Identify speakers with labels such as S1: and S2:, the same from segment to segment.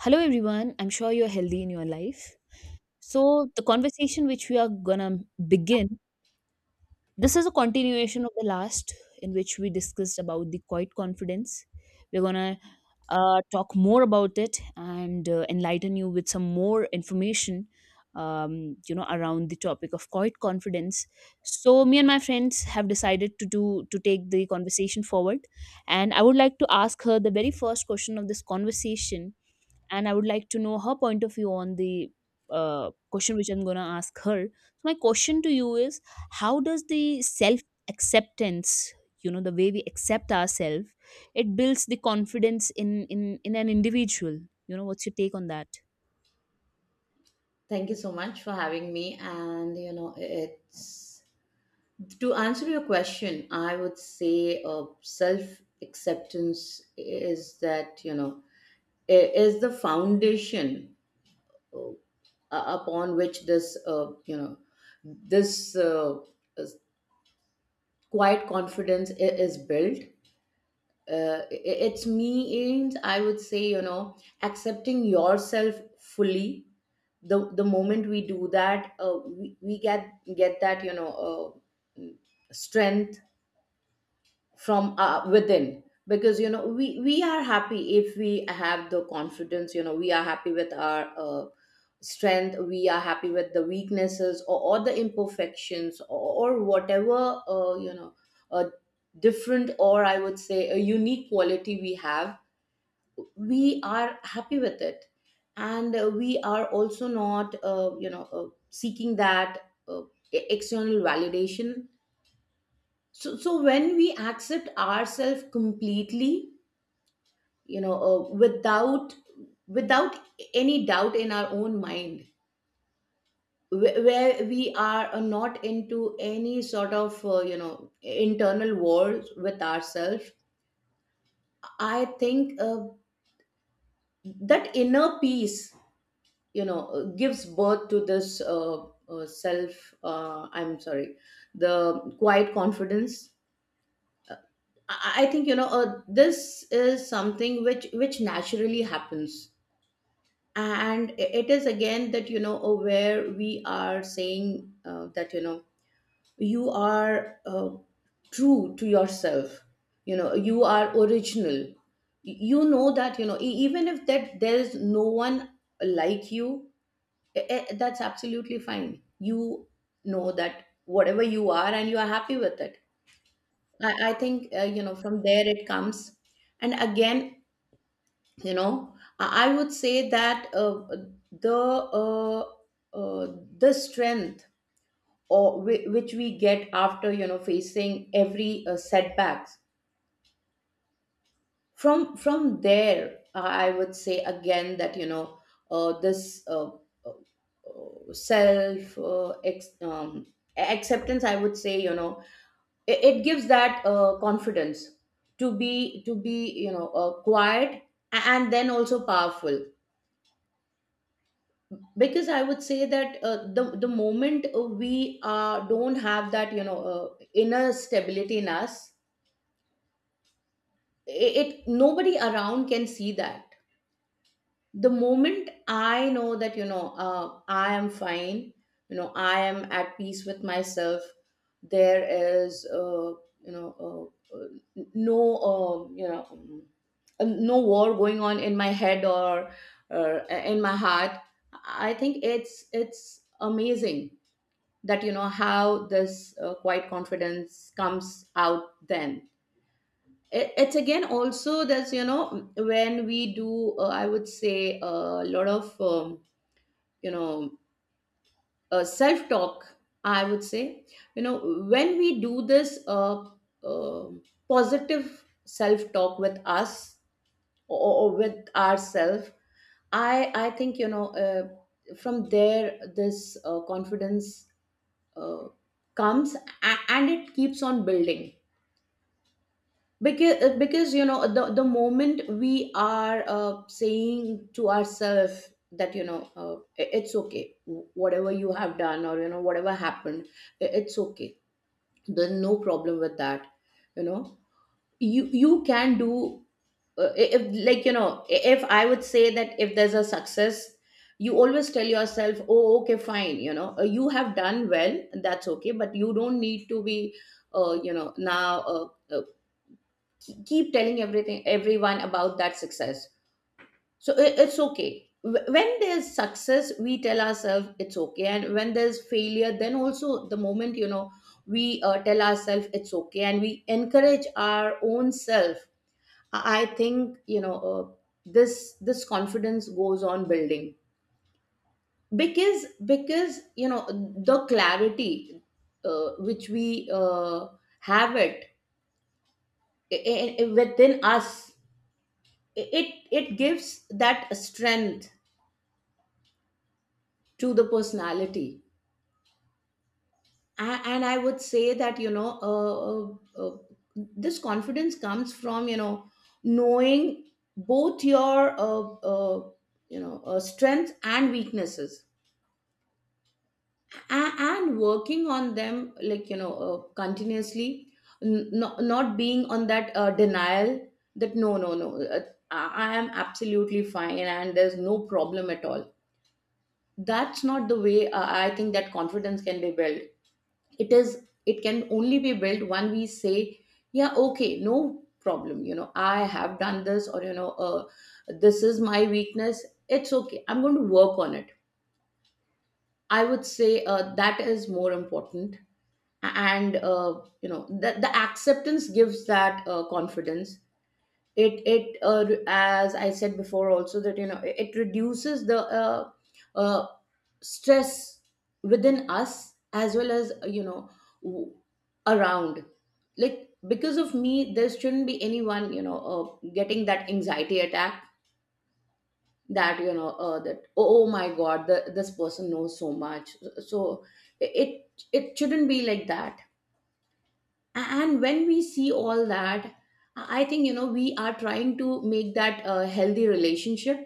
S1: Hello, everyone. I'm sure you're healthy in your life. So, the conversation which we are gonna begin, this is a continuation of the last in which we discussed about the quiet confidence. We're gonna talk more about it and enlighten you with some more information, around the topic of quiet confidence. So, me and my friends have decided to take the conversation forward, and I would like to ask her the very first question of this conversation and I would like to know her point of view on the question which I'm going to ask her. So my question to you is, how does the self acceptance, the way we accept ourselves, it builds the confidence in an individual? What's your take on that?
S2: Thank you so much for having me. And, you know, it's to answer your question, I would say self acceptance is that, you know, is the foundation upon which this, this uh, is- quiet confidence is built. I- it's means, I would say, you know, accepting yourself fully. The moment we do that, we, we get that, you know, strength from within, because, you know, we are happy if we have the confidence. You know, we are happy with our, strength. We are happy with the weaknesses, or the imperfections, or whatever, you know, a different, or I would say a unique quality we have. We are happy with it. And we are also not, you know, seeking that, external validation. So, so when we accept ourselves completely, you know, uh, without without any doubt in our own mind, where we are, not into any sort of, you know, internal wars with ourselves, I think that inner peace, you know, gives birth to this, self. I'm sorry, the quiet confidence. I think, you know, this is something which naturally happens. And it is again that, you know, where we are saying, that, you know, you are, true to yourself. You know, you are original. You know that, you know, even if that there is no one like you, that's absolutely fine. You know that whatever you are, and you are happy with it. I, think, you know, from there it comes. And again, you know, I would say that, the uh, uh, the strength, or which we get after, you know, facing every, setbacks, from there, I would say again that, you know, this self acceptance, I would say, you know, it gives that, confidence to be, you know, quiet, and then also powerful. Because I would say that, the moment, we, don't have that, you know, inner stability in us, it, nobody around can see that. The moment I know that, you know, I am fine, you know, I am at peace with myself, there is, you know, uh, uh, no, you know, no war going on in my head, or in my heart, I think it's amazing that, you know, how this, quiet confidence comes out then. It's again, also, there's, you know, when we do, I would say, a lot of you know, self talk, I would say, you know, when we do this, um positive self talk with us, or with ourselves, I think, you know, from there this, confidence, uh, comes. And it keeps on building, because you know, the moment we are, saying to ourselves that, you know, it's okay. Whatever you have done, or, you know, whatever happened, it's okay. There's no problem with that, you know. You can do. If, like, you know, if I would say that, if there's a success, you always tell yourself, oh, okay, fine, you know, you have done well, that's okay, but you don't need to be, you know, now, keep telling everything everyone about that success. So it, it's okay. When there's success, we tell ourselves it's okay, and when there's failure, then also the moment, you know, we, tell ourselves it's okay, and we encourage our own self. I think, you know, this confidence goes on building, because because you know, the clarity, which we, uh, have it within us, it gives that strength to the personality. And I would say that, you know, uh, uh, this confidence comes from, you know, knowing both your, you know, strengths and weaknesses, and working on them, like, you know, continuously. Not being on that, denial, that no, no, no, I am absolutely fine, and there's no problem at all. That's not the way, I think that confidence can be built. It is, it can only be built when we say, yeah, okay, no problem, you know, I have done this, or you know, this is my weakness, it's okay, I'm going to work on it. I would say that is more important. And you know, the acceptance gives that, confidence. It, as I said before also, that, you know, it reduces the, uh, stress within us, as well as, you know, w- around, like, because of me, there shouldn't be anyone, you know, getting that anxiety attack, that, you know, that, oh, oh my god, this person knows so much. So it shouldn't be like that. And when we see all that, I think, you know, we are trying to make that a healthy relationship,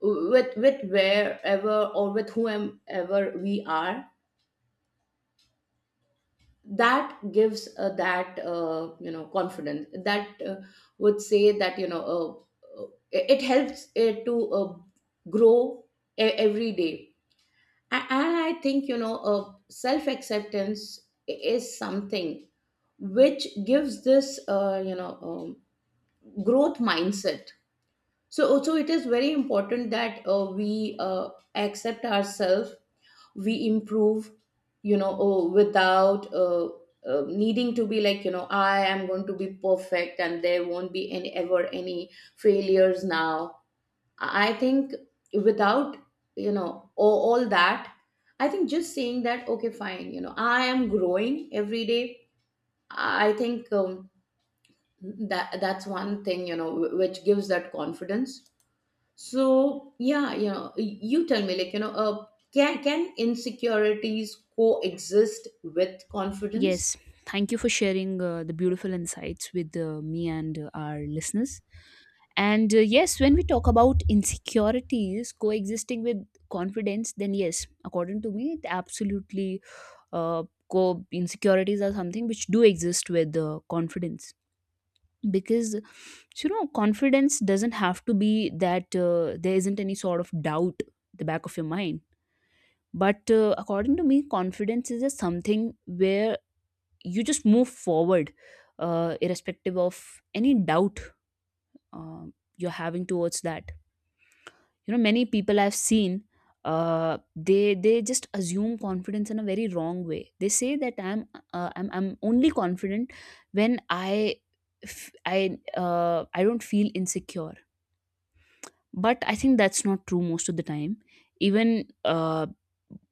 S2: with wherever, or with whomever we are. That gives, that, you know, confidence that, would say that, you know, it, it helps it to, grow e- every day. And I think, you know, self acceptance is something which gives this, you know, growth mindset. So also, it is very important that, we, accept ourselves, we improve, you know, oh, without, needing to be like, you know, I am going to be perfect and there won't be any ever any failures now. I think without, you know, all that, I think just saying that okay, fine, you know, I am growing every day. I think that that's one thing, you know, which gives that confidence. So yeah, you know, you tell me, like, you know, can insecurities coexist with confidence?
S1: Yes, thank you for sharing the beautiful insights with me and our listeners. And yes, when we talk about insecurities coexisting with confidence, then yes, according to me, it absolutely uh, insecurities are something which do exist with confidence because confidence doesn't have to be that there isn't any sort of doubt at the back of your mind. But according to me confidence is just something where you just move forward, irrespective of any doubt uh, you're having towards that. Many people I've seen, they just assume confidence in a very wrong way. They say that I'm only confident when I f- I don't feel insecure, but I think that's not true most of the time. Even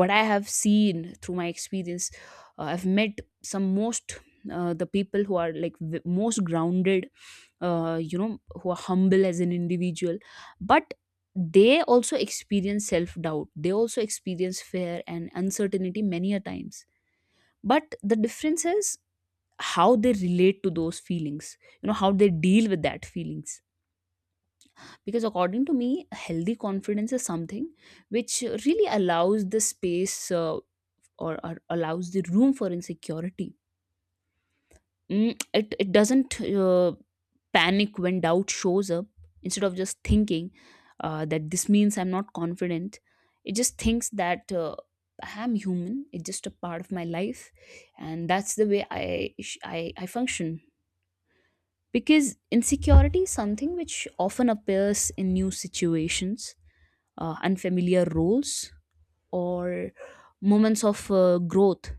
S1: what I have seen through my experience, I've met some most the people who are like most grounded, who are humble as an individual, but they also experience self doubt, they also experience fear and uncertainty many a times. But the difference is how they relate to those feelings, how they deal with that feelings. Because according to me healthy confidence is something which really allows the space, or allows the room for insecurity. It doesn't panic when doubt shows up. Instead of just thinking that this means I'm not confident, it just thinks that I am human, it's just a part of my life, and that's the way I function. Because insecurity is something which often appears in new situations, unfamiliar roles, or moments of growth.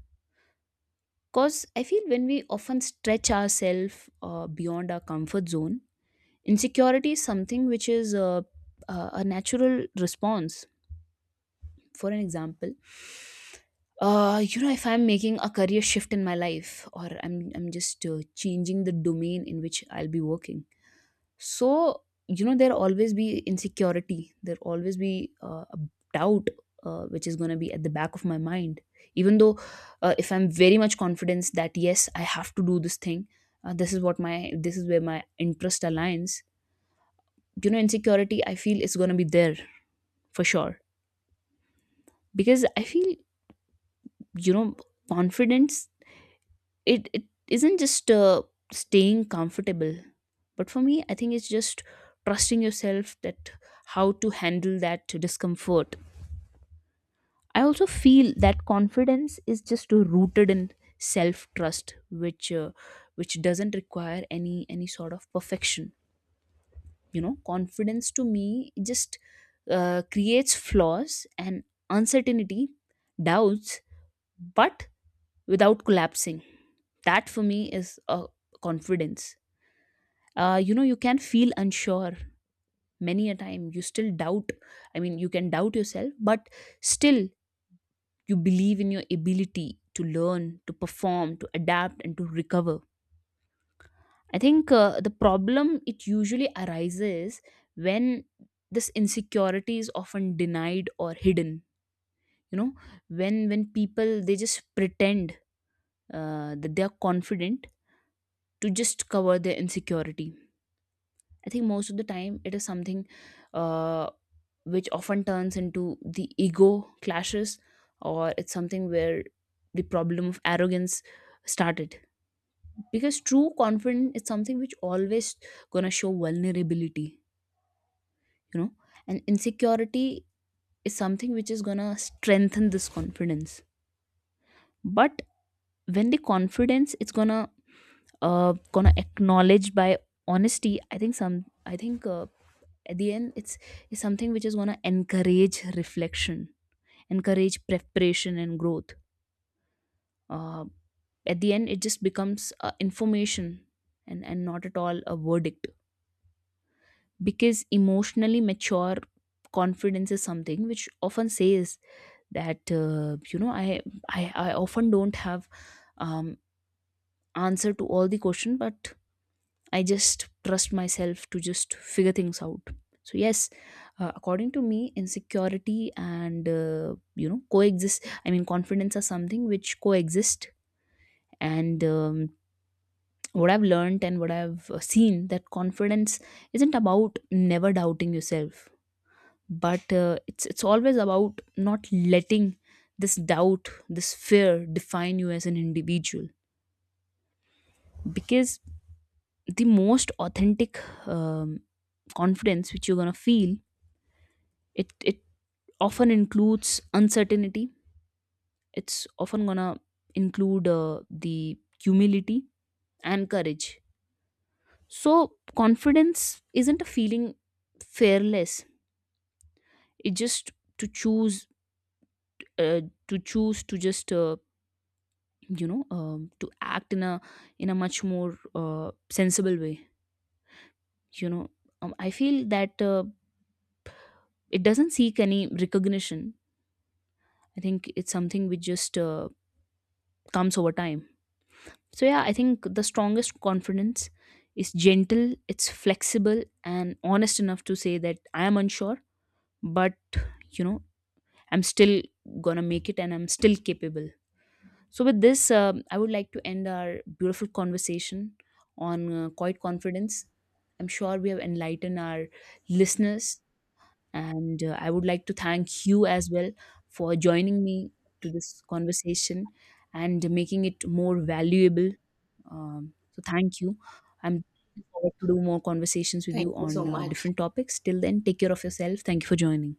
S1: Because I feel when we often stretch ourselves beyond our comfort zone, insecurity is something which is a natural response. For an example, if I'm making a career shift in my life or I'm just changing the domain in which I'll be working. So, there'll always be insecurity. There'll always be a doubt, which is going to be at the back of my mind. Even though, if I'm very much confident that yes, I have to do this thing, this is where my interest aligns. Insecurity I feel is going to be there for sure because I feel you know confidence it isn't just staying comfortable, but for me I think it's just trusting yourself that how to handle that discomfort. I also feel that confidence is just rooted in self trust, which uh, which doesn't require any sort of perfection. Confidence to me just creates flaws and uncertainty doubts, but without collapsing, that for me is a confidence. You can feel unsure many a time, you still doubt, I mean you can doubt yourself, but still you believe in your ability to learn, to perform, to adapt and to recover. I think the problem it usually arises when this insecurity is often denied or hidden. you know when people they just pretend that they are confident to just cover their insecurity. I think most of the time it is something uh, which often turns into the ego clashes, or it's something where the problem of arrogance started. Because true confidence is something which always gonna show vulnerability, you know and insecurity is something which is gonna strengthen this confidence. But when the confidence it's gonna acknowledge by honesty, I think at the end it's something which is gonna encourage reflection, encourage preparation and growth. uh, at the end it just becomes information, and not at all a verdict. Because emotionally mature confidence is something which often says that I often don't have um answer to all the question, but I just trust myself to just figure things out. So yes, according to me insecurity and coexist, I mean confidence are something which coexist. And what I've learned and what I've seen that confidence isn't about never doubting yourself, but it's always about not letting this doubt, this fear define you as an individual. Because the most authentic um, confidence which you're gonna feel, it often includes uncertainty. It's often gonna include the humility and courage. So confidence isn't a feeling fearless, it just to choose uh, to choose to just to act in a much more sensible way. you know I feel that it doesn't seek any recognition. I think it's something which just comes over time. So yeah, I think the strongest confidence is gentle, it's flexible and honest enough to say that I am unsure, but you know I'm still gonna make it and I'm still capable. So, with this, I would like to end our beautiful conversation on quiet confidence. I'm sure we have enlightened our listeners, and I would like to thank you as well for joining me to this conversation and making it more valuable. So, thank you. I'm looking forward to do more conversations with
S2: Thank
S1: you
S2: you so
S1: on
S2: much.
S1: different topics. Till then, take care of yourself. Thank you for joining.